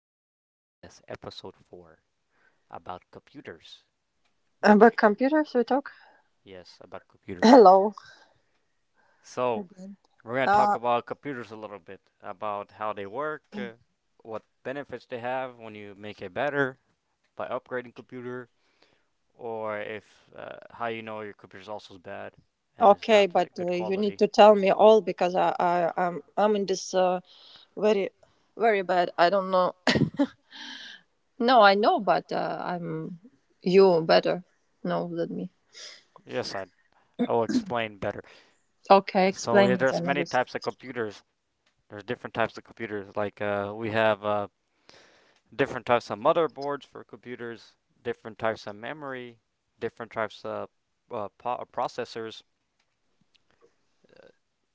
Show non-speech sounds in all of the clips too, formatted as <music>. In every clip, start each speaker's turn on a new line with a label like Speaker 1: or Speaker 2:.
Speaker 1: Talk Podcast, episode 4 about computers. What?
Speaker 2: About computers, we talk.
Speaker 1: Yes, about
Speaker 2: <laughs>
Speaker 1: computers.
Speaker 2: Hello
Speaker 1: So,
Speaker 2: again.
Speaker 1: we're going to talk
Speaker 2: Uh,
Speaker 1: about computers a little bit about how they work, what benefits they have when you make it better by upgrading computer, or if how your computer's also bad and it's
Speaker 2: okay,
Speaker 1: not
Speaker 2: but
Speaker 1: good
Speaker 2: you need
Speaker 1: quality.
Speaker 2: to tell me all because I'm in this very very bad. I don't know. <laughs> No, I know, but I'm you better know than me.
Speaker 1: Know. I will explain better. Okay.
Speaker 2: Okay,
Speaker 1: So, we
Speaker 2: explain it
Speaker 1: address
Speaker 2: another.
Speaker 1: many types of computers. There's different types of computers. Like we have different types of motherboards for computers, different types of memory, different types of processors,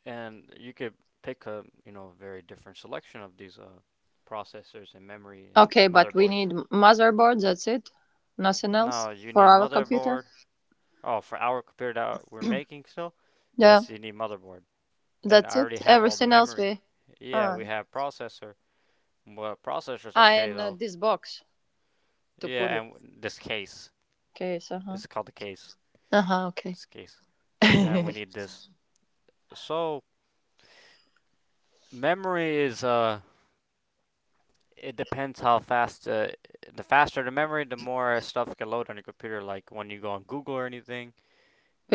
Speaker 1: and you could pick a very different selection of these processors and memory and
Speaker 2: Okay, but we
Speaker 1: motherboards.
Speaker 2: need
Speaker 1: We
Speaker 2: motherboard. That's it.
Speaker 1: it?
Speaker 2: Nothing
Speaker 1: No,
Speaker 2: else
Speaker 1: you
Speaker 2: for
Speaker 1: need
Speaker 2: our computer.
Speaker 1: motherboard.
Speaker 2: <clears throat>
Speaker 1: Oh, for our computer that we're making still?
Speaker 2: Yeah,
Speaker 1: Yes, you need motherboard. And
Speaker 2: that's
Speaker 1: I
Speaker 2: it.
Speaker 1: already have all the
Speaker 2: Everything else
Speaker 1: memory.
Speaker 2: we.
Speaker 1: Be Yeah,
Speaker 2: Uh,
Speaker 1: we have processor. Well, processor's okay
Speaker 2: and
Speaker 1: though.
Speaker 2: this box to put
Speaker 1: Yeah,
Speaker 2: it.
Speaker 1: and this case.
Speaker 2: Okay, so uh huh.
Speaker 1: It's called the case.
Speaker 2: Uh huh. Okay.
Speaker 1: This case.
Speaker 2: <laughs>
Speaker 1: And we
Speaker 2: You
Speaker 1: need this. So, memory is, it depends how fast, the faster the memory, the more stuff can load on your computer. Like when you go on Google or anything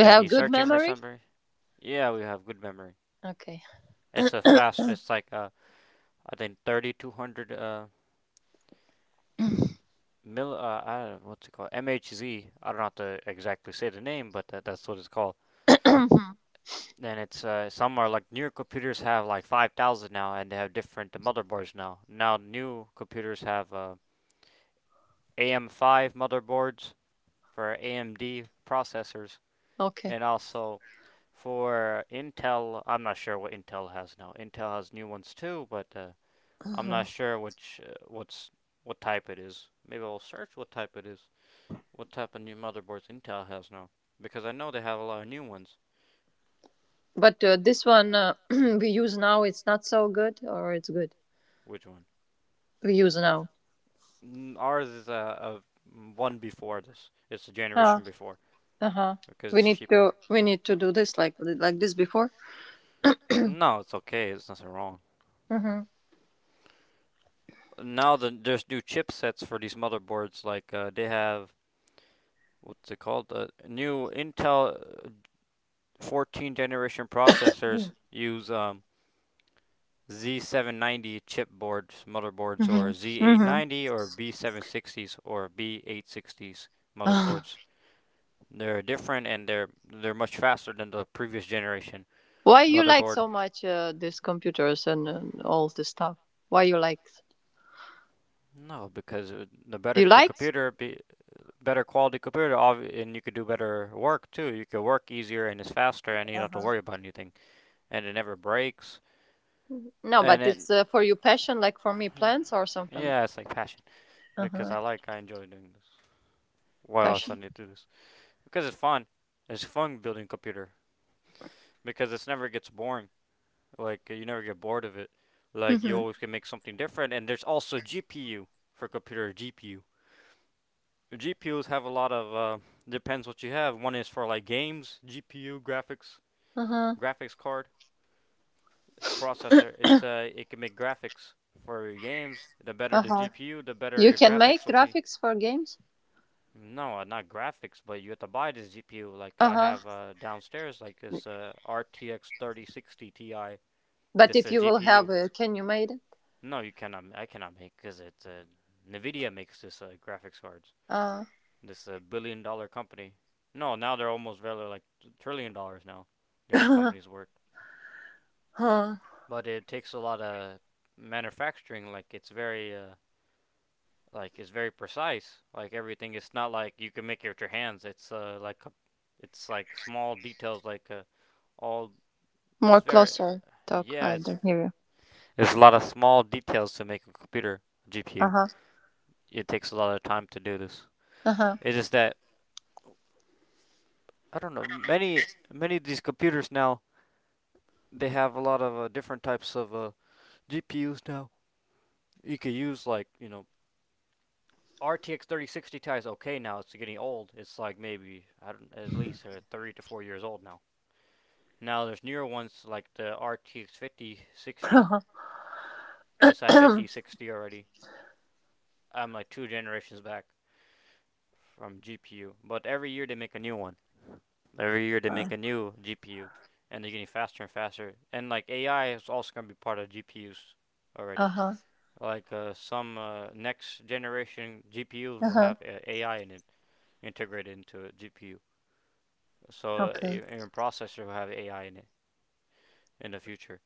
Speaker 1: and you're
Speaker 2: good
Speaker 1: searching for
Speaker 2: memory?
Speaker 1: something. Yeah, we have good memory.
Speaker 2: Okay.
Speaker 1: It's a
Speaker 2: <coughs>
Speaker 1: fast, it's like, I think 3200, I don't know, what's it called? MHZ. I don't know how to exactly say the name, but that's what it's called. And it's some are like newer computers have like 5000 now and they have different motherboards now new computers have AM5 motherboards for amd processors,
Speaker 2: Okay.
Speaker 1: and also for intel. I'm not sure what intel has now. Intel has new ones too, but I'm
Speaker 2: Mhm.
Speaker 1: not sure which what's what type it is. Maybe I'll search what type it is, what type of new motherboards intel has now, because I know they have a lot of new ones.
Speaker 2: But this one <clears throat> we use now, it's not so good, or it's good.
Speaker 1: Which one?
Speaker 2: We use now.
Speaker 1: Mm, ours is a one before this. It's a
Speaker 2: Ah.
Speaker 1: generation before
Speaker 2: Uh huh.
Speaker 1: because
Speaker 2: We
Speaker 1: it's
Speaker 2: need
Speaker 1: cheaper.
Speaker 2: to we need to do this like this before.
Speaker 1: No, it's okay. It's nothing wrong.
Speaker 2: Mm-hmm.
Speaker 1: Now there's new chipsets for these motherboards. Like they have what's it called? New Intel uh, 14 generation processors use Z790 chipboards, motherboards,
Speaker 2: Mm-hmm.
Speaker 1: or
Speaker 2: Mm-hmm.
Speaker 1: Z890 or B760s or B860s motherboards. They're different and they're much faster than the previous generation
Speaker 2: <sighs> Why you like
Speaker 1: motherboard.
Speaker 2: so much these computers and all this stuff? Why you like?
Speaker 1: No, because the better
Speaker 2: You
Speaker 1: the
Speaker 2: likes?
Speaker 1: computer, be better quality computer, obvi- and you could do better work too. You could work easier and it's faster, and you don't have to
Speaker 2: Uh-huh.
Speaker 1: worry about anything, and it never breaks.
Speaker 2: No, but
Speaker 1: And it,
Speaker 2: it's for you passion, like for me plants or something.
Speaker 1: yeah, it's like passion because
Speaker 2: Uh-huh.
Speaker 1: I enjoy doing this. Why else I
Speaker 2: Passion.
Speaker 1: need to do this? Because it's fun. It's fun building computer because it never gets boring. Like you never get bored of it. Like you
Speaker 2: Mm-hmm.
Speaker 1: always can make something different. And there's also GPU for computer GPU. GPUs have a lot of depends what you have. One is for like games GPU graphics
Speaker 2: Uh-huh.
Speaker 1: graphics card processor. It's it can make graphics for your games. The better the
Speaker 2: Uh-huh.
Speaker 1: GPU, the better
Speaker 2: You
Speaker 1: your
Speaker 2: can make
Speaker 1: graphics will be.
Speaker 2: graphics for games?
Speaker 1: No, not graphics, but you have to buy this GPU. Like I
Speaker 2: Uh-huh.
Speaker 1: have downstairs, like this RTX 3060 Ti.
Speaker 2: But
Speaker 1: This
Speaker 2: if you will
Speaker 1: GPU.
Speaker 2: have can you made it?
Speaker 1: No, you cannot. I cannot make because it's Nvidia makes this graphics cards.
Speaker 2: Uh
Speaker 1: This billion dollar company. No, now they're almost value like trillion dollars now. Their company's
Speaker 2: <laughs>
Speaker 1: worth,
Speaker 2: huh.
Speaker 1: but it takes a lot of manufacturing. Like it's very precise. Like everything, it's not like you can make it with your hands. It's like a, it's like small details. Like all
Speaker 2: More
Speaker 1: it's very
Speaker 2: closer talk,
Speaker 1: yeah.
Speaker 2: I don't hear you.
Speaker 1: It's a lot of small details to make a computer GPU.
Speaker 2: Uh-huh.
Speaker 1: It takes a lot of time to do this.
Speaker 2: Uh-huh.
Speaker 1: It's just that I don't know many of these computers now they have a lot of different types of GPUs now. You could use RTX 3060 Ti is okay now. It's getting old. It's like maybe I don't at least 3 to 4 years old now. Now there's newer ones like the RTX 5060.
Speaker 2: <coughs>
Speaker 1: It's at
Speaker 2: Uh-huh. <clears throat>
Speaker 1: 5060 already. I'm like two generations back from GPU, but every year they make a new one. Every year they
Speaker 2: Uh,
Speaker 1: make a new GPU, and they're getting faster and faster. And like AI is also gonna be part of GPUs already.
Speaker 2: Uh-huh.
Speaker 1: Like some next generation GPUs will
Speaker 2: Uh-huh.
Speaker 1: have AI in it integrated into a GPU. So
Speaker 2: Okay.
Speaker 1: even processor will have AI in it in the future.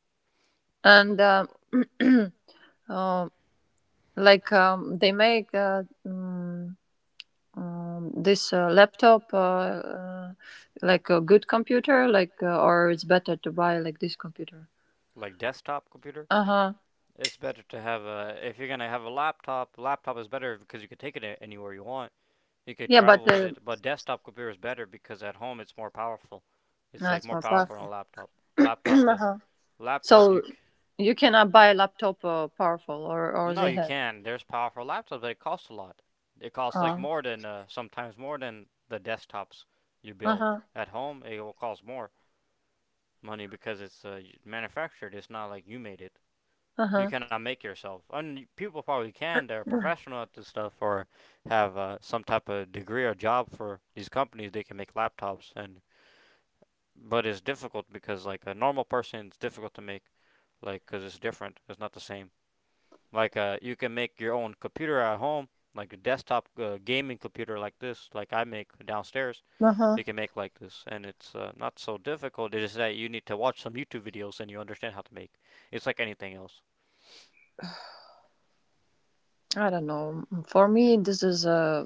Speaker 2: And
Speaker 1: And,
Speaker 2: um <clears throat> um, like they make this laptop uh like a good computer, or it's better to buy like this computer.
Speaker 1: Like desktop computer,
Speaker 2: Uh-huh.
Speaker 1: it's better to have a. If you're gonna have a laptop, laptop is better because you can take it anywhere you want. You could
Speaker 2: Yeah, but
Speaker 1: travel with
Speaker 2: uh,
Speaker 1: it, but desktop computer is better because at home it's more powerful. It's
Speaker 2: no,
Speaker 1: like
Speaker 2: it's
Speaker 1: more
Speaker 2: more
Speaker 1: powerful than a
Speaker 2: powerful.
Speaker 1: laptop.
Speaker 2: <clears throat>
Speaker 1: Laptop,
Speaker 2: Uh-huh.
Speaker 1: laptop
Speaker 2: So
Speaker 1: you c-
Speaker 2: you cannot buy a laptop powerful or
Speaker 1: or
Speaker 2: or
Speaker 1: no
Speaker 2: they
Speaker 1: you
Speaker 2: have.
Speaker 1: can. There's powerful laptops, but it costs a lot. It costs
Speaker 2: Uh
Speaker 1: like
Speaker 2: huh.
Speaker 1: more than sometimes more than the desktops you
Speaker 2: Uh
Speaker 1: build
Speaker 2: huh.
Speaker 1: at home. It will cost more money because it's manufactured. It's not like you made it
Speaker 2: Uh
Speaker 1: you cannot make yourself. And people probably can. They're professional at this stuff or have some type of degree or job for these companies. They can make laptops, and but it's difficult because like a normal person, it's difficult to make like because it's different. It's not the same. Like you can make your own computer at home. Like a desktop gaming computer like this, like I make downstairs,
Speaker 2: huh.
Speaker 1: you can
Speaker 2: <clears throat>
Speaker 1: make like this, and it's not so difficult. It is that you need to watch some YouTube videos and you understand how to make. It's like anything else.
Speaker 2: I don't know. For me, this is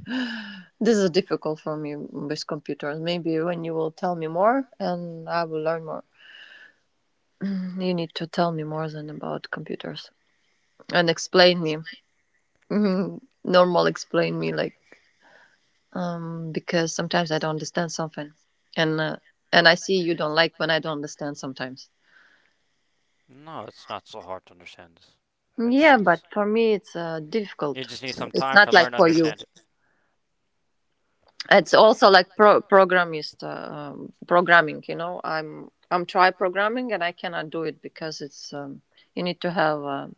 Speaker 2: <sighs> this is difficult for me with computers. Maybe when you will tell me more, and I will learn more. You need to tell me more than about computers and explain me. Mhm. Normal, explain me like. Because sometimes I don't understand something, and uh, and I see you don't like when I don't understand sometimes.
Speaker 1: No, it's not so hard to understand. This. It's
Speaker 2: Yeah, but
Speaker 1: not.
Speaker 2: for me it's
Speaker 1: You
Speaker 2: difficult.
Speaker 1: just need some
Speaker 2: It's
Speaker 1: time to
Speaker 2: not
Speaker 1: learn,
Speaker 2: like for you.
Speaker 1: understand it.
Speaker 2: It's also like programmist programming. You know, I'm try programming and I cannot do it because it's you need to have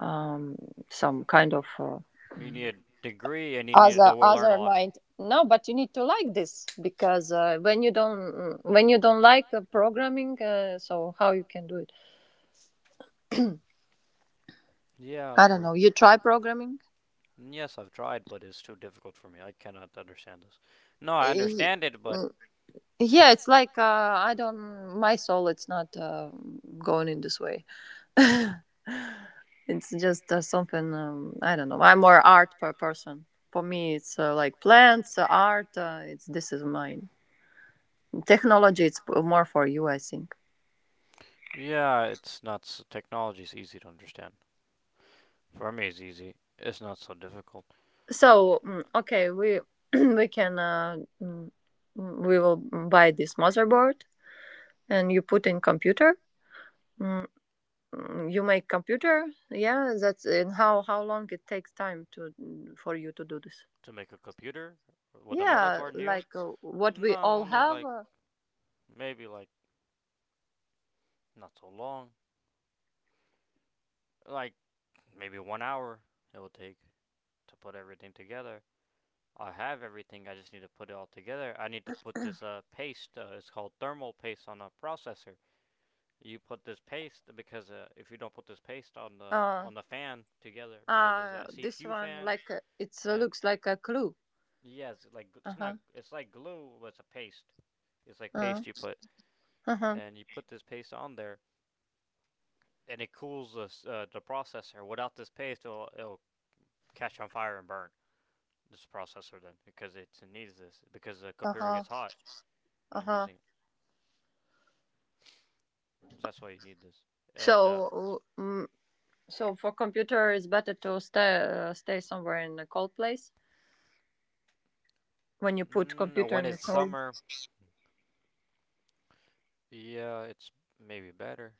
Speaker 2: um, some kind of
Speaker 1: You need a degree, and you need to
Speaker 2: other
Speaker 1: learn a
Speaker 2: other
Speaker 1: lot.
Speaker 2: mind. No, but you need to like this because when you don't like programming, so how you can do it?
Speaker 1: Yeah,
Speaker 2: I
Speaker 1: of
Speaker 2: don't
Speaker 1: course.
Speaker 2: know. You try programming?
Speaker 1: Yes, I've tried, but it's too difficult for me. I cannot understand this. No, I
Speaker 2: Y-
Speaker 1: understand it, but
Speaker 2: mm, Yeah, it's like I don't. My soul, it's not going in this way. <laughs> It's just something, I don't know. I'm more art per person. For me, it's like plants, art. It's This is mine. Technology, it's more for you, I think.
Speaker 1: yeah, it's not. S technology is easy to understand. For me, it's easy. It's not so difficult
Speaker 2: So, okay, we <clears throat> we can mm, mm, we will buy this motherboard and you put in computer. Mm, You make computer? Yeah, that's and how long it takes time to for you to do this?
Speaker 1: to make a computer with a
Speaker 2: Yeah,
Speaker 1: motherboard new.
Speaker 2: like what we
Speaker 1: No,
Speaker 2: all
Speaker 1: only
Speaker 2: have.
Speaker 1: like maybe like not so long. Like maybe 1 hour it will take to put everything together. I have everything. I just need to put it all together. I need to put this paste. It's called thermal paste on a processor. You put this paste because if you don't put this paste on the
Speaker 2: Uh,
Speaker 1: on the fan together, because there's that
Speaker 2: this
Speaker 1: CPU
Speaker 2: one
Speaker 1: fan,
Speaker 2: like it
Speaker 1: and
Speaker 2: looks like a clue.
Speaker 1: yes, it's like
Speaker 2: Uh
Speaker 1: it's not.
Speaker 2: huh.
Speaker 1: It's like glue, but it's a paste. It's like
Speaker 2: Uh
Speaker 1: paste you
Speaker 2: huh.
Speaker 1: put, and you put this paste on there, and it cools the processor. Without this paste, it'll catch on fire and burn. This processor then because it needs this because the
Speaker 2: Uh
Speaker 1: computer
Speaker 2: huh.
Speaker 1: gets hot
Speaker 2: Uh
Speaker 1: when you're
Speaker 2: huh.
Speaker 1: using it. So that's why you need this. And
Speaker 2: So, mm, so for computer, it's better to stay, stay somewhere in a cold place. When you put
Speaker 1: mm,
Speaker 2: computer
Speaker 1: when
Speaker 2: in the
Speaker 1: it's
Speaker 2: cold,
Speaker 1: summer, yeah, it's maybe better.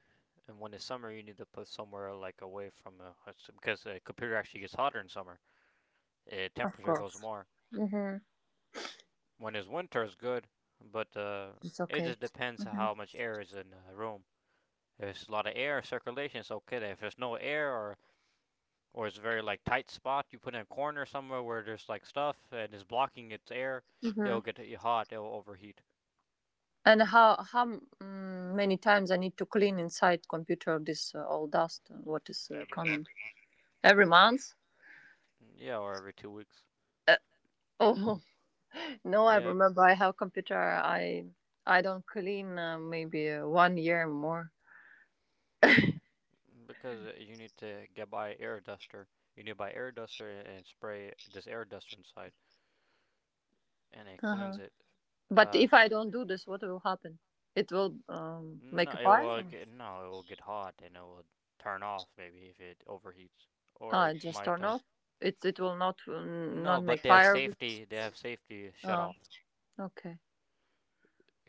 Speaker 1: And when it's summer, you need to put somewhere like away from because the computer actually gets hotter in summer.
Speaker 2: of
Speaker 1: Temperature goes
Speaker 2: course.
Speaker 1: more.
Speaker 2: Mm-hmm.
Speaker 1: When it's winter, it's good, but
Speaker 2: It's
Speaker 1: it just
Speaker 2: okay.
Speaker 1: depends
Speaker 2: Mm-hmm.
Speaker 1: how much air is in the room. If there's a lot of air circulation, it's okay. If there's no air or it's a very like tight spot. You put in a corner somewhere where there's like stuff and it's blocking its air.
Speaker 2: Mm-hmm.
Speaker 1: It'll get hot. It'll overheat.
Speaker 2: And how many times I need to clean inside computer this all dust? What is
Speaker 1: Every
Speaker 2: coming
Speaker 1: month at
Speaker 2: every month?
Speaker 1: least. Yeah, or every 2 weeks.
Speaker 2: Uh, oh, <laughs> no, I
Speaker 1: Yeah,
Speaker 2: remember I have computer. I don't clean, maybe 1 year more.
Speaker 1: because you need to get by air duster. You need to buy air duster and spray this air duster inside, and it cleans
Speaker 2: Uh-huh.
Speaker 1: it.
Speaker 2: But
Speaker 1: Uh,
Speaker 2: if I don't do this, what will happen? It will make
Speaker 1: no,
Speaker 2: a
Speaker 1: it
Speaker 2: fire.
Speaker 1: will get no, it will get hot and it will turn off maybe if it overheats, or
Speaker 2: Ah,
Speaker 1: it
Speaker 2: just
Speaker 1: might.
Speaker 2: turn off. It will not,
Speaker 1: No,
Speaker 2: not make
Speaker 1: but they have
Speaker 2: fire.
Speaker 1: safety. They have safety shut
Speaker 2: Ah,
Speaker 1: off.
Speaker 2: okay.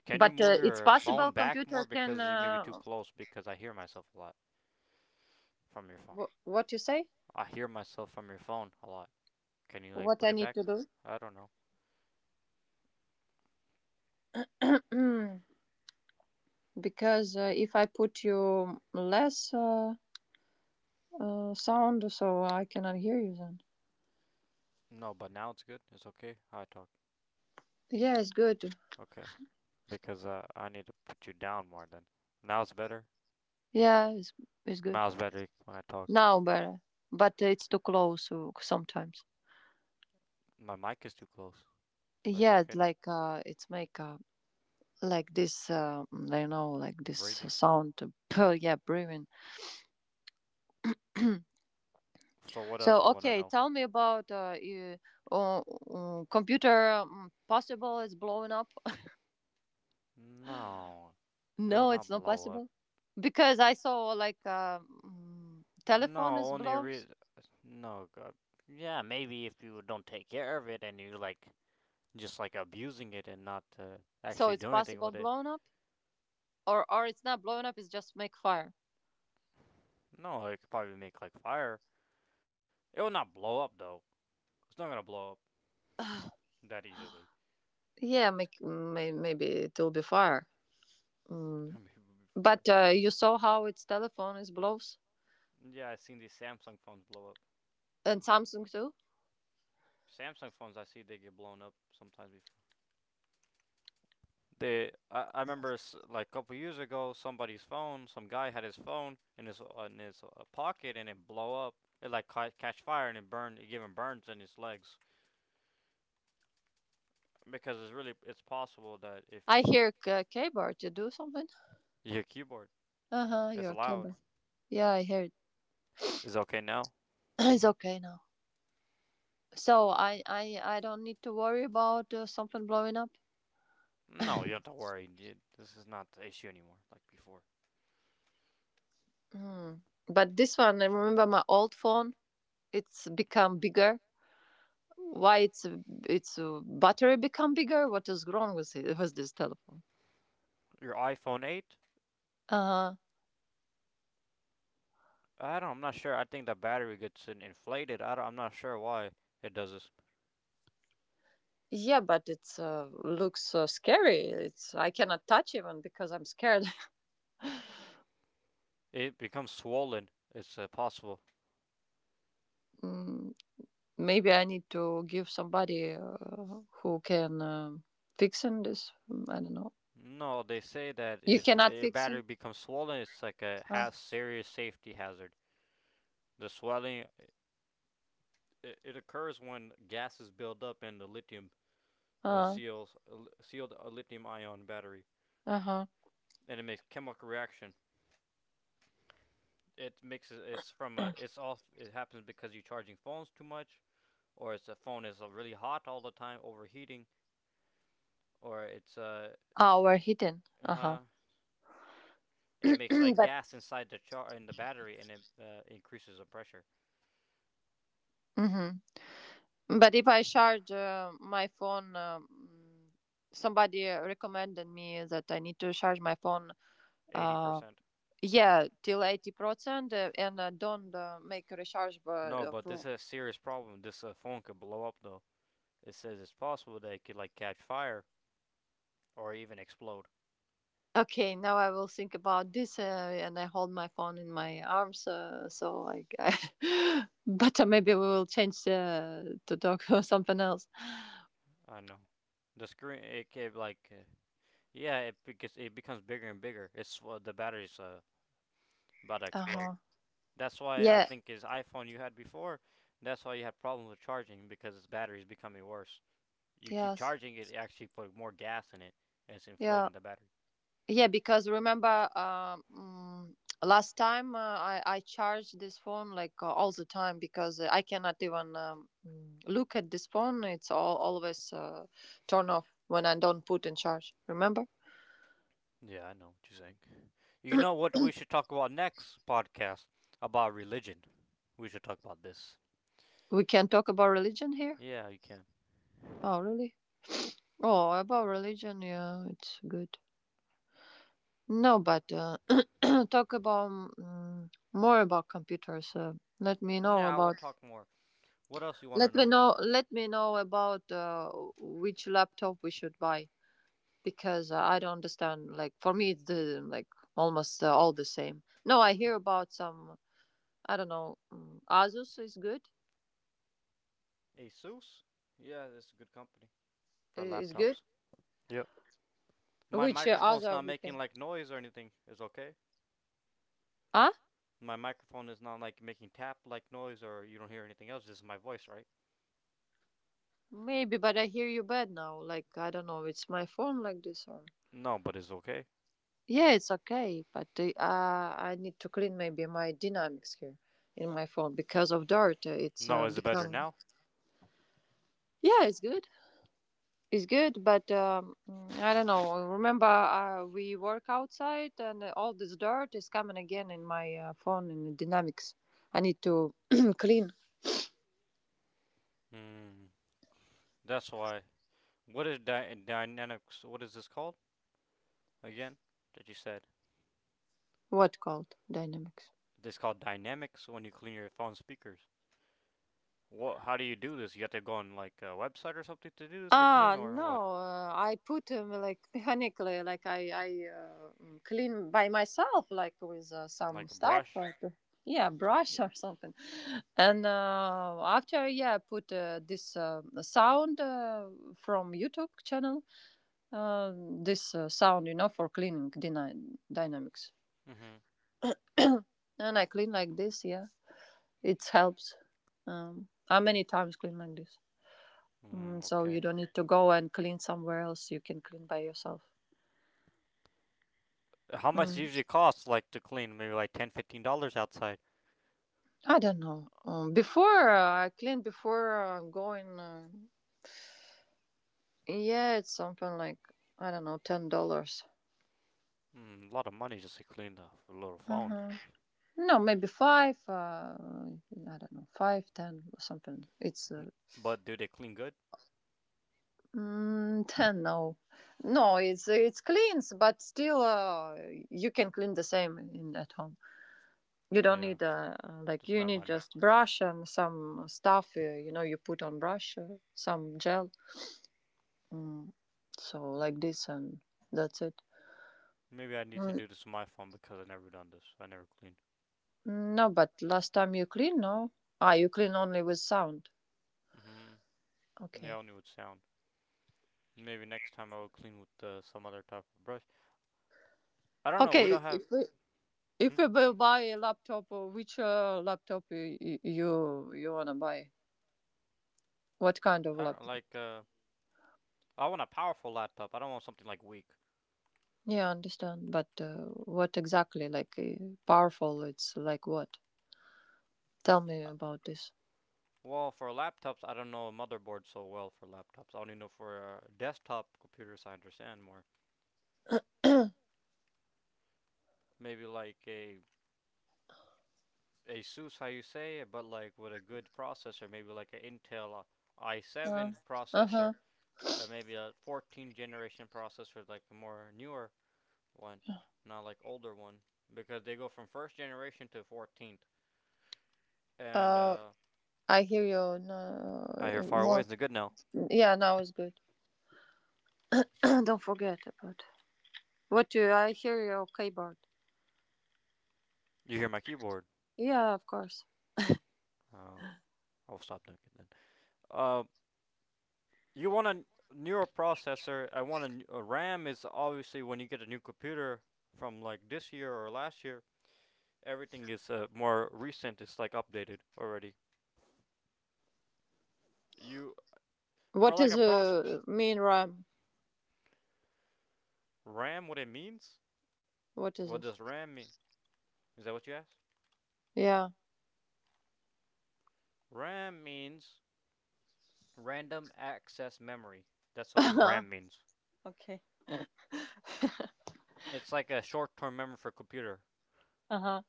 Speaker 1: Can you
Speaker 2: But
Speaker 1: move
Speaker 2: uh, it's
Speaker 1: your phone
Speaker 2: possible.
Speaker 1: back more
Speaker 2: Computer can.
Speaker 1: because you may be too
Speaker 2: Uh,
Speaker 1: close? Because I hear myself a lot from your phone.
Speaker 2: wh- what you say?
Speaker 1: I hear myself from your phone a lot. Can you like
Speaker 2: What
Speaker 1: put
Speaker 2: I
Speaker 1: it
Speaker 2: need
Speaker 1: back?
Speaker 2: to do?
Speaker 1: I don't know.
Speaker 2: Mm, because if I put you less sound, so I cannot hear you then.
Speaker 1: No, but now it's good. It's okay. How I talk.
Speaker 2: Yeah, it's good.
Speaker 1: Okay. Because I need to put you down more then. Now it's better.
Speaker 2: Yeah, it's good.
Speaker 1: Now it's better when I talk.
Speaker 2: Now better, but it's too close sometimes.
Speaker 1: My mic is too close, but it's
Speaker 2: Yeah,
Speaker 1: okay
Speaker 2: it's
Speaker 1: now.
Speaker 2: like it's make like this. Like this
Speaker 1: Breathing.
Speaker 2: sound. <laughs> Yeah, breathing. <clears throat>
Speaker 1: So what else
Speaker 2: so
Speaker 1: do you want to
Speaker 2: okay,
Speaker 1: know?
Speaker 2: tell me about computer possible is blowing up.
Speaker 1: No, it'll
Speaker 2: No, it's
Speaker 1: not
Speaker 2: not
Speaker 1: blow up.
Speaker 2: possible because I saw like, telephone is
Speaker 1: No, only
Speaker 2: blows,
Speaker 1: re- no god. Yeah, maybe if you don't take care of it and you like just like abusing it and not
Speaker 2: so
Speaker 1: actually
Speaker 2: it's
Speaker 1: doing anything
Speaker 2: possible
Speaker 1: with it.
Speaker 2: blown up, or it's not blown up. It's just make fire.
Speaker 1: No, it could probably make like fire. It will not blow up though. It's not gonna blow up that easily.
Speaker 2: Yeah, make,
Speaker 1: It's <laughs> g-
Speaker 2: maybe it will be fire. Mm.
Speaker 1: maybe it'll be
Speaker 2: But
Speaker 1: fire.
Speaker 2: uh, you saw how its telephone is blows
Speaker 1: Yeah, I've seen these Samsung phones blow up.
Speaker 2: and Samsung too.
Speaker 1: Samsung phones, I see they get blown up sometimes before. I remember like a couple years ago, somebody's phone, some guy had his phone in his pocket, and it blow up. It like catch fire and it burned. It gave him burns in his legs because it's possible that if
Speaker 2: I hear cable to do something.
Speaker 1: your keyboard
Speaker 2: Uh huh.
Speaker 1: is
Speaker 2: Your
Speaker 1: loud,
Speaker 2: cable. Yeah, I hear it.
Speaker 1: is it okay now.
Speaker 2: <clears throat> It's okay now. So I don't need to worry about something blowing up.
Speaker 1: No, you don't have
Speaker 2: <laughs>
Speaker 1: to worry, dude. This is not the issue anymore, like before.
Speaker 2: Mm. But this one, I remember my old phone. It's become bigger. Why it's battery become bigger? What is wrong with it with this telephone?
Speaker 1: Your iPhone 8?
Speaker 2: Uh
Speaker 1: I don't. I'm not sure. I think the battery gets inflated. I'm not sure why it does this.
Speaker 2: yeah, but it's looks scary. It's I cannot touch even because I'm scared. <laughs>
Speaker 1: It becomes swollen. It's possible.
Speaker 2: Mm, Maybe I need to give somebody who can fix in this. Mm, I don't know.
Speaker 1: No, they say that
Speaker 2: You
Speaker 1: if
Speaker 2: cannot
Speaker 1: your
Speaker 2: fix
Speaker 1: battery
Speaker 2: in.
Speaker 1: becomes swollen, it's like a
Speaker 2: Uh,
Speaker 1: has serious safety hazard. The swelling it occurs when gases build up in the lithium
Speaker 2: uh,
Speaker 1: seals sealed lithium ion battery,
Speaker 2: uh huh.
Speaker 1: and it makes chemical reaction. It makes it's from a
Speaker 2: <clears throat>
Speaker 1: it's off. It happens because you're charging phones too much, or it's a phone is really hot all the time, overheating, or it's
Speaker 2: Our hidden.
Speaker 1: uh
Speaker 2: Uh huh.
Speaker 1: huh. It makes
Speaker 2: <clears throat>
Speaker 1: like
Speaker 2: but.
Speaker 1: gas inside the char in the battery, and it increases the pressure.
Speaker 2: Mhm. But if I charge my phone, somebody recommended me that I need to charge my phone.
Speaker 1: Eighty
Speaker 2: Uh,
Speaker 1: percent.
Speaker 2: yeah, till 80%, and don't make a recharge. But
Speaker 1: No,
Speaker 2: uh,
Speaker 1: but this
Speaker 2: for...
Speaker 1: is a serious problem. This phone could blow up though. It says it's possible that it could like catch fire or even explode.
Speaker 2: okay, now I will think about this, and I hold my phone in my arms. So like, <laughs> but maybe we will change to talk <laughs> or something else.
Speaker 1: I know. The screen it could yeah it because it becomes bigger and bigger. It's the battery's about to explode.
Speaker 2: Uh-huh.
Speaker 1: That's why I
Speaker 2: Yeah.
Speaker 1: think his iPhone you had before. That's why you had problems with charging because its battery's becoming worse. You keep
Speaker 2: Yes.
Speaker 1: charging it actually put more gas in it, and it's
Speaker 2: Yeah.
Speaker 1: inflating the battery.
Speaker 2: Yeah, because remember, last time I charge this phone like all the time because I cannot even look at this phone. It's all always turn off when I don't put in charge. Remember?
Speaker 1: Yeah, I know what you're saying. You know what we should talk about next podcast? About religion. We should talk about this.
Speaker 2: We can talk about religion here.
Speaker 1: Yeah, you can.
Speaker 2: Oh, really? Oh, about religion, yeah, it's good. No, but <clears throat> talk about, more about computers. Let me know
Speaker 1: Yeah, I will
Speaker 2: about.
Speaker 1: talk more. What else you want to
Speaker 2: Let me
Speaker 1: know?
Speaker 2: know. Let me know about which laptop we should buy because I don't understand. Like for me, it's the like almost all the same. No, I hear about some. I don't know. Asus is good.
Speaker 1: Asus? Yeah, it's a good company for
Speaker 2: Is good.
Speaker 1: laptops. Yep. My
Speaker 2: Which
Speaker 1: microphone's
Speaker 2: other
Speaker 1: not
Speaker 2: we
Speaker 1: making
Speaker 2: can?
Speaker 1: like noise or anything. It's okay.
Speaker 2: Huh?
Speaker 1: My microphone is not like making tap like noise or you don't hear anything else. This is my voice, right?
Speaker 2: Maybe, but I hear you bad now. Like I don't know. It's my phone like this or.
Speaker 1: No, but it's okay.
Speaker 2: Yeah, it's okay, but I need to clean maybe my dynamics here in my phone because of dirt. It's
Speaker 1: No, is it better
Speaker 2: become.
Speaker 1: now?
Speaker 2: Yeah, it's good. It's good, but I don't know. Remember, we work outside, and all this dirt is coming again in my phone in Dynamics. I need to <clears throat> clean.
Speaker 1: Hmm. That's why. What is dynamics? What is this called again? That you said
Speaker 2: What called Dynamics?
Speaker 1: this is called dynamics when you clean your phone speakers. What? How do you do this? You have to go on like a website or something to do this to clean,
Speaker 2: Ah,
Speaker 1: or
Speaker 2: no.
Speaker 1: what?
Speaker 2: I put, like <laughs> mechanically, like I clean by myself, like with some
Speaker 1: Like a
Speaker 2: stuff,
Speaker 1: brush?
Speaker 2: like yeah, brush <laughs> or something. And after, yeah, I put this sound from YouTube channel, uh, this sound, you know, for cleaning dynamics.
Speaker 1: Mm-hmm.
Speaker 2: <coughs> <clears throat> And I clean like this, yeah. It helps. I many times clean like this. Mm,
Speaker 1: Mm,
Speaker 2: so
Speaker 1: okay.
Speaker 2: you don't need to go and clean somewhere else. You can clean by yourself.
Speaker 1: How much it
Speaker 2: Mm,
Speaker 1: usually costs like to clean? Maybe like ten, $15 outside.
Speaker 2: I don't know. Before I clean, before going, yeah, it's something like, I don't know, $10.
Speaker 1: Mm, a lot of money just to clean the little phone.
Speaker 2: Uh-huh. No, maybe five. I don't know, five, ten, or something. It's
Speaker 1: N- But do they clean good?
Speaker 2: mm, 10. No, no, it's cleans but still, you can clean the same in at home. You don't
Speaker 1: Yeah,
Speaker 2: need, like,
Speaker 1: just
Speaker 2: you
Speaker 1: my
Speaker 2: need
Speaker 1: money.
Speaker 2: just brush and some stuff, you know, you put on brush some gel, mm, so like this, and that's it.
Speaker 1: Maybe I need to
Speaker 2: mm,
Speaker 1: do this on my phone because I've never done this. I never cleaned.
Speaker 2: no, but last time you clean? No. Ah, you clean only with sound.
Speaker 1: Hmm. Yeah,
Speaker 2: Okay.
Speaker 1: only with sound. Maybe next time I will clean with some other type of brush. I don't know. We
Speaker 2: Okay,
Speaker 1: don't have.
Speaker 2: if we if
Speaker 1: Hmm?
Speaker 2: we will buy a laptop, which laptop you want to buy, what kind
Speaker 1: I
Speaker 2: of
Speaker 1: don't
Speaker 2: laptop?
Speaker 1: like. I want a powerful laptop. I don't want something like weak.
Speaker 2: Yeah, I understand. But what exactly? Like powerful? It's like what? Tell me
Speaker 1: Uh,
Speaker 2: about this.
Speaker 1: well, for laptops, I don't know a motherboard so well for laptops. I only know for desktop computers. I understand more. Maybe like a ASUS, how you say it, but like with a good processor. Maybe like an Intel
Speaker 2: Uh,
Speaker 1: i7 processor,
Speaker 2: uh-huh.
Speaker 1: maybe a 14 generation processor, like a more newer one, not like older one, because they go from first generation to 14th. And
Speaker 2: Uh, I hear you. No.
Speaker 1: I hear far away.
Speaker 2: More.
Speaker 1: Isn't it good now?
Speaker 2: Yeah, now it's good. <clears throat> Don't forget about. What do I hear you okay, Bart?
Speaker 1: You hear my keyboard?
Speaker 2: Yeah, of course.
Speaker 1: Oh, I'll stop doing it then. Uh, you want a newer processor. I want a RAM is obviously when you get a new computer from like this year or last year, everything is more recent. It's like updated already. You for
Speaker 2: What
Speaker 1: like a
Speaker 2: is
Speaker 1: process.
Speaker 2: a mean rhyme?
Speaker 1: RAM, what it means?
Speaker 2: What is
Speaker 1: What
Speaker 2: this?
Speaker 1: does RAM mean? Is that what you asked?
Speaker 2: Yeah. <laughs>
Speaker 1: RAM means random access memory. That's what
Speaker 2: Uh-huh.
Speaker 1: RAM means.
Speaker 2: Okay.
Speaker 1: It's like a short-term memory for a computer.
Speaker 2: Uh-huh.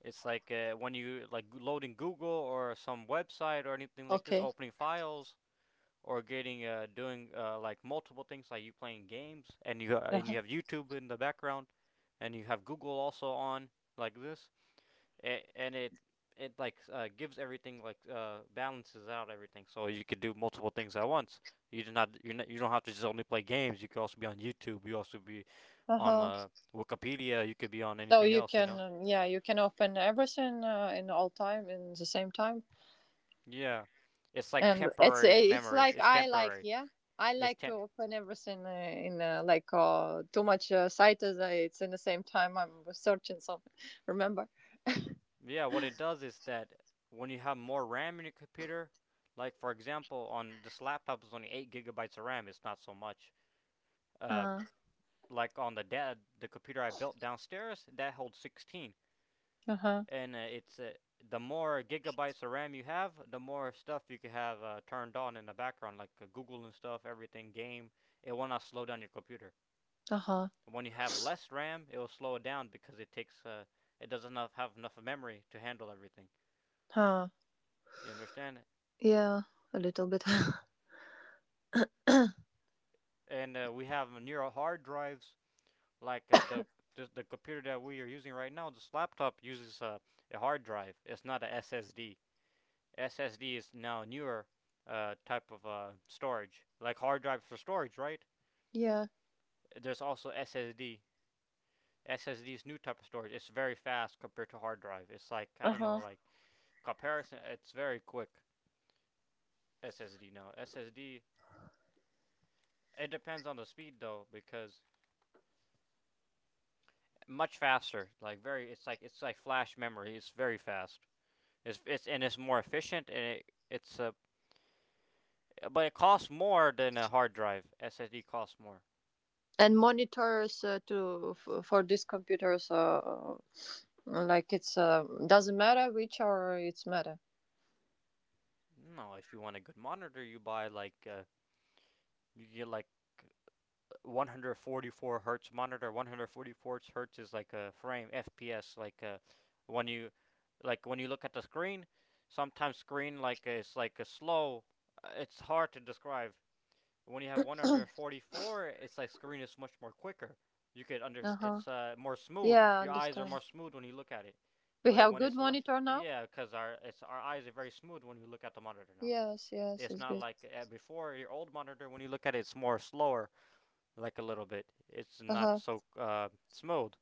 Speaker 1: It's like when you like loading Google or some website or anything like this,
Speaker 2: Okay.
Speaker 1: opening files or getting doing like multiple things, like you playing games and you
Speaker 2: Uh-huh.
Speaker 1: have YouTube in the background, and you have Google also on like this. A and it like gives everything like balances out everything, so you could do multiple things at once. You do not you you don't have to just only play games. You could also be on YouTube. You also be on
Speaker 2: Uh-huh.
Speaker 1: Wikipedia. You could be on
Speaker 2: So
Speaker 1: anything
Speaker 2: you
Speaker 1: else. You
Speaker 2: can,
Speaker 1: know.
Speaker 2: yeah, you can open everything in all time in the same time.
Speaker 1: Yeah, it's like
Speaker 2: And it's
Speaker 1: temporary
Speaker 2: it's
Speaker 1: memory.
Speaker 2: like,
Speaker 1: It's
Speaker 2: I like,
Speaker 1: temporary.
Speaker 2: yeah, I
Speaker 1: It's
Speaker 2: like to
Speaker 1: tem.
Speaker 2: open everything in like too much sites, it's in the same time I'm searching something. <laughs> Remember?
Speaker 1: Yeah, what it does is that when you have more RAM in your computer, like for example on this laptop is only 8 GB of RAM. It's not so much. Uh,
Speaker 2: uh,
Speaker 1: like on the computer I built downstairs that holds 16,
Speaker 2: huh. Uh-huh.
Speaker 1: and it's the more gigabytes of RAM you have, the more stuff you can have turned on in the background, like Google and stuff, everything, game. It will not slow down your computer.
Speaker 2: Huh.
Speaker 1: When you have less RAM, it will slow it down because it takes it doesn't have, enough memory to handle everything.
Speaker 2: Huh.
Speaker 1: You understand?
Speaker 2: Yeah, a little bit.
Speaker 1: And we have neural hard drives like the computer that we are using right now. This laptop uses a hard drive. It's not a SSD. SSD is now newer type of storage, like hard drive for storage, right?
Speaker 2: <laughs> Yeah.
Speaker 1: There's also SSD. Is new type of storage. It's very fast compared to hard drive. It's like I don't know,
Speaker 2: Uh-huh.
Speaker 1: like comparison. It's very quick. SSD now. SSD. It depends on the speed though, because much faster. Like very. It's like flash memory. It's very fast. It's more efficient and it it's a but it costs more than a hard drive. SSD costs more.
Speaker 2: And monitors to for these computers, like, it's doesn't matter which or it's matter.
Speaker 1: No, if you want a good monitor, you buy you get like 144 hertz monitor. 144 hertz is like a frame FPS. Like when you when you look at the screen, sometimes screen like it's like a slow. It's hard to describe. When you have 144, it's like screen is much more quicker. You could under
Speaker 2: Uh-huh.
Speaker 1: it's more smooth.
Speaker 2: Yeah, I
Speaker 1: Your eyes are more
Speaker 2: understand.
Speaker 1: smooth when you look at it.
Speaker 2: We
Speaker 1: But
Speaker 2: have
Speaker 1: when
Speaker 2: good monitor now.
Speaker 1: yeah, because our it's our eyes are very smooth when we look at the monitor now.
Speaker 2: Yes, yes,
Speaker 1: It's
Speaker 2: it's
Speaker 1: not
Speaker 2: good.
Speaker 1: like before your old monitor. When you look at it, it's more slower, like a little bit. It's not
Speaker 2: Uh-huh.
Speaker 1: so smooth.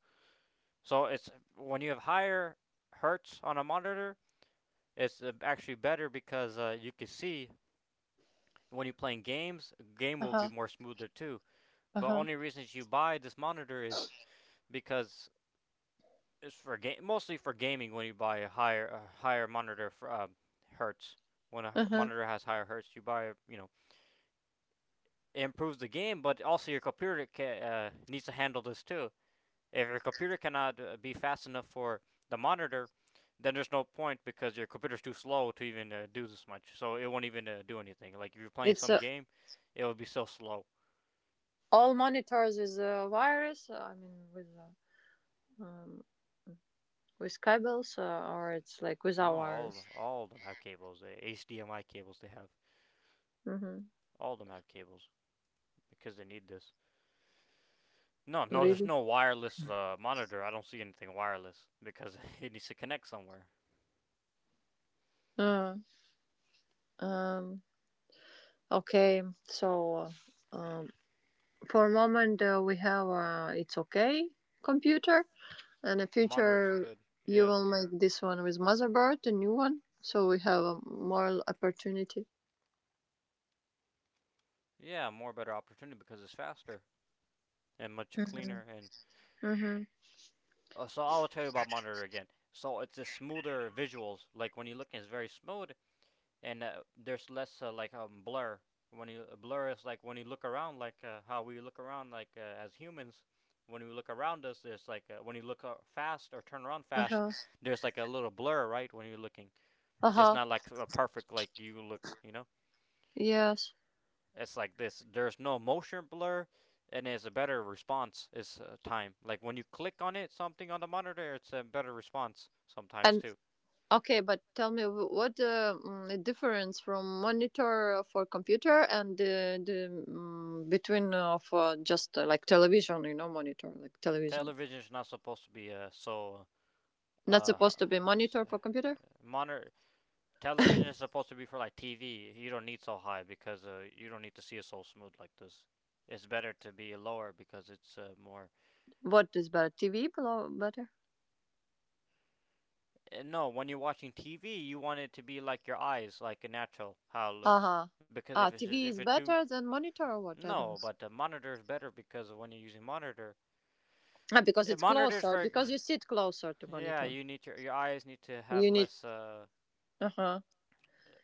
Speaker 1: So it's when you have higher hertz on a monitor, it's actually better because you can see when you're playing games, game will be
Speaker 2: Uh-huh.
Speaker 1: more smoother too. But
Speaker 2: Uh-huh.
Speaker 1: only reasons you buy this monitor is because it's for game, mostly for gaming. When you buy a higher monitor for hertz, when a
Speaker 2: Uh-huh.
Speaker 1: monitor has higher hertz, you buy you know it improves the game, but also your computer needs to handle this too. If your computer cannot be fast enough for the monitor, then there's no point because your computer's too slow to even do this much. So it won't even do anything. Like if you're playing
Speaker 2: It's
Speaker 1: some game, it will be so slow.
Speaker 2: all monitors with a virus. I mean, um, with cables, or it's like
Speaker 1: No,
Speaker 2: without wires.
Speaker 1: all of them have cables. The HDMI cables they have.
Speaker 2: Mm-hmm.
Speaker 1: All of them have cables because they need this. No, No, there's
Speaker 2: Really?
Speaker 1: no wireless monitor. I don't see anything wireless because <laughs> it needs to connect somewhere.
Speaker 2: Uh, um. Okay. So, um, for a moment, we have, it's okay computer, and in the
Speaker 1: The monitor's
Speaker 2: future
Speaker 1: good.
Speaker 2: you
Speaker 1: Yeah.
Speaker 2: will make this one with motherboard, a new one. So we have a more opportunity.
Speaker 1: Yeah, more better opportunity because it's faster and much cleaner.
Speaker 3: Mhm.
Speaker 1: And
Speaker 3: Mhm.
Speaker 1: so I'll tell you about monitor again. So it's a smoother visuals. Like when you look, it's very smooth, and there's less blur. When you blur is like when you look around, like how we look around, like as humans. When we look around us, there's like when you look fast or turn around
Speaker 3: Uh
Speaker 1: fast,
Speaker 3: huh.
Speaker 1: there's like a little blur, right? When you're looking,
Speaker 3: Uh
Speaker 1: it's
Speaker 3: huh.
Speaker 1: not like a perfect like you look, you know.
Speaker 3: Yes.
Speaker 1: It's like this. There's no motion blur, and it's a better response. Is time like when you click on it, something on the monitor, it's a better response sometimes
Speaker 3: And
Speaker 1: too.
Speaker 3: okay, but tell me the difference from monitor for computer and the between of just like television, you know, monitor like television.
Speaker 1: Television is not supposed to be
Speaker 3: Not
Speaker 1: uh,
Speaker 3: supposed to be
Speaker 1: s-
Speaker 3: monitor
Speaker 1: uh
Speaker 3: for computer.
Speaker 1: monitor. Television is supposed to be for like TV. You don't need so high because you don't need to see it so smooth like this. It's better to be lower because it's more.
Speaker 3: What is better, TV below better?
Speaker 1: No, when you're watching TV, you want it to be like your eyes, like a natural how it
Speaker 3: Uh
Speaker 1: looks.
Speaker 3: huh.
Speaker 1: Because
Speaker 3: Ah,
Speaker 1: if it's just,
Speaker 3: TV
Speaker 1: if
Speaker 3: is
Speaker 1: it's too
Speaker 3: better than monitor or what? I don't.
Speaker 1: No,
Speaker 3: S-
Speaker 1: but the monitor is better because when you're using monitor,
Speaker 3: Ah, because
Speaker 1: it
Speaker 3: it's
Speaker 1: monitors
Speaker 3: closer.
Speaker 1: for
Speaker 3: Because you sit closer to
Speaker 1: yeah.
Speaker 3: monitor.
Speaker 1: Your eyes need to have
Speaker 3: You need.
Speaker 1: less
Speaker 3: Uh huh.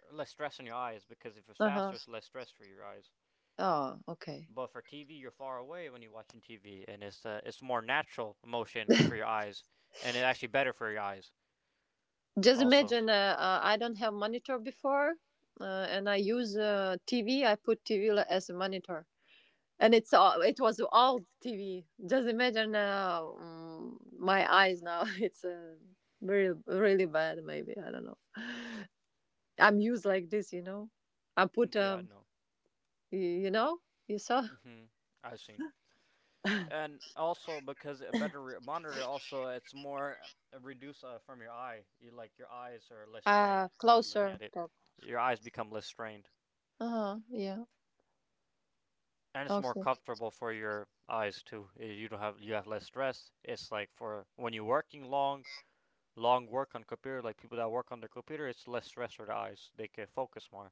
Speaker 1: less stress on your eyes because if it's
Speaker 3: Uh huh.
Speaker 1: faster, it's less stress for your eyes.
Speaker 3: Oh, okay.
Speaker 1: But for TV, you're far away when you're watching TV, and it's more natural motion for your eyes, and it's actually better for your eyes
Speaker 3: Just
Speaker 1: also.
Speaker 3: imagine, I don't have monitor before, and I use, TV. I put TV as a monitor, and it's all. It was old TV. Just imagine, my eyes now <laughs> it's very really bad, maybe I don't know. I'm used like this, you know. I
Speaker 1: Mm,
Speaker 3: put
Speaker 1: yeah, I know.
Speaker 3: y- you know, you saw.
Speaker 1: Hmm. I've seen. And also because a monitor also it's more reduced from your eye. Your eyes are less strained
Speaker 3: Uh,
Speaker 1: when you're looking
Speaker 3: closer.
Speaker 1: at it. Your eyes become less strained,
Speaker 3: Uh-huh, yeah.
Speaker 1: and it's more
Speaker 3: Okay.
Speaker 1: comfortable for your eyes too. You don't have you have less stress. It's like for when you're working long, long work on computer, like people that work on their computer, it's less stress for the eyes. They can focus more.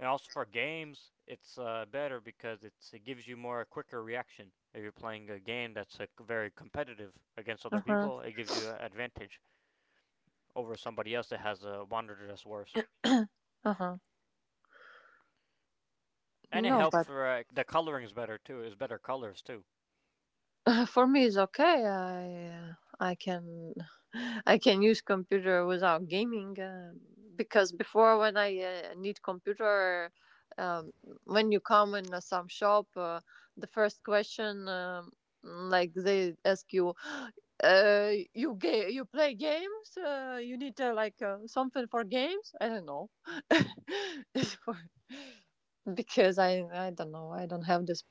Speaker 1: And also for games, it's better because it gives you more quicker reaction. If you're playing a game that's very competitive against other
Speaker 3: Uh-huh.
Speaker 1: people, it gives you an advantage over somebody else that has a monitor that's worse.
Speaker 3: Uh-huh.
Speaker 1: And it
Speaker 3: No,
Speaker 1: helps
Speaker 3: but
Speaker 1: for the coloring is better too. It's better colors too.
Speaker 3: <laughs> for me, it's okay. I, I can <laughs> I can use computer without gaming, because before when I, need computer, um, when you come in, some shop, the first question, like they ask you, <gasps> you you play games? You need, something for games? I don't know. <laughs> For, because I don't know, I don't have this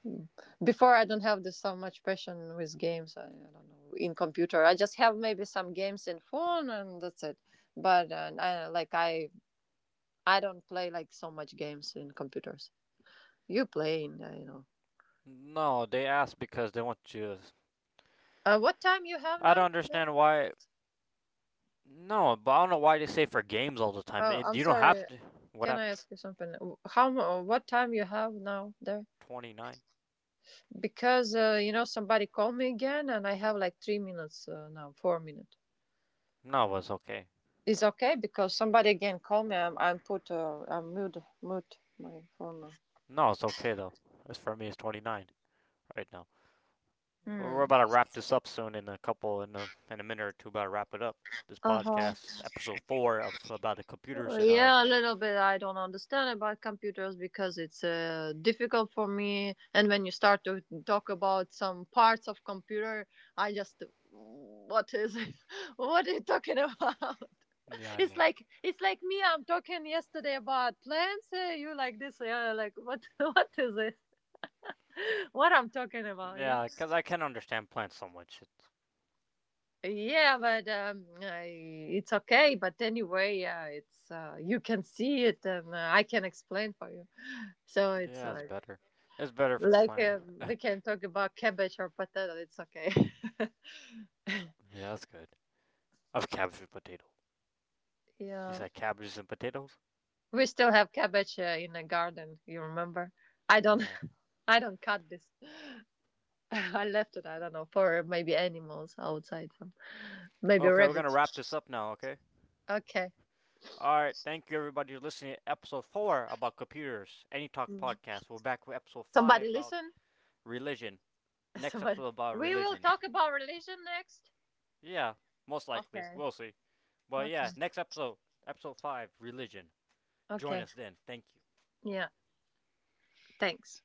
Speaker 3: before. I don't have this so much passion with games. I don't know. In computer I just have maybe some games in phone, and that's it. But I I don't play like so much games in computers. You play in, I know.
Speaker 1: No, they ask because they want you.
Speaker 3: What time you have
Speaker 1: I
Speaker 3: now
Speaker 1: don't
Speaker 3: there?
Speaker 1: understand why. No, but I don't know why they say for games all the time.
Speaker 3: Oh, I'm
Speaker 1: You don't
Speaker 3: sorry,
Speaker 1: have to. What
Speaker 3: can I
Speaker 1: happened?
Speaker 3: ask you something? How what time you have now there?
Speaker 1: 29.
Speaker 3: Because you know, somebody called me again, and I have like 3 minutes, now 4 minutes.
Speaker 1: No, it's okay.
Speaker 3: It's okay because somebody again call me. I'm put, I'm mute my phone now.
Speaker 1: No, it's okay though. As for me, it's 29 right now. We're
Speaker 3: Hmm.
Speaker 1: about to wrap this up soon in a couple in a minute or two. About to wrap it up. This
Speaker 3: Uh-huh.
Speaker 1: podcast episode 4 of about the computers in our
Speaker 3: Yeah, a little bit. I don't understand about computers because it's difficult for me. And when you start to talk about some parts of computer, I just, what is it? <laughs> What are you talking about?
Speaker 1: yeah
Speaker 3: <laughs>
Speaker 1: I know.
Speaker 3: It's like me. I'm talking yesterday about plants. You like this? Yeah, like what? <laughs> What is it? What I'm talking about? Yeah.
Speaker 1: Yeah because I can understand plants so much.
Speaker 3: Yeah, but I, it's okay. But anyway, it's you can see it, and I can explain for you. So it's
Speaker 1: Yeah, it's better. It's better for
Speaker 3: like
Speaker 1: plant. <laughs> Yeah,
Speaker 3: we can talk about cabbage or potato. It's okay. <laughs>
Speaker 1: that's good. Of cabbage and potato. You
Speaker 3: Yeah,
Speaker 1: said cabbages and potatoes.
Speaker 3: we still have cabbage, in the garden. You remember? I don't.
Speaker 1: Yeah.
Speaker 3: <laughs> I don't cut this. <laughs> I left it. I don't know, for maybe animals outside. So maybe
Speaker 1: Okay, we're gonna
Speaker 3: rabbits.
Speaker 1: wrap this up now. Okay.
Speaker 3: Okay.
Speaker 1: All right. Thank you, everybody, for listening to episode 4 about computers. Any talk
Speaker 3: Mm.
Speaker 1: podcast. We're back with episode
Speaker 3: Somebody
Speaker 1: five about
Speaker 3: listen.
Speaker 1: religion.
Speaker 3: <laughs>
Speaker 1: Next
Speaker 3: Somebody.
Speaker 1: episode about
Speaker 3: We will
Speaker 1: religion.
Speaker 3: talk about religion next.
Speaker 1: Yeah, most likely.
Speaker 3: Okay.
Speaker 1: We'll see. But
Speaker 3: Okay.
Speaker 1: yeah, next episode, episode 5, religion. Join
Speaker 3: Okay.
Speaker 1: us then. Thank you.
Speaker 3: Yeah. Thanks.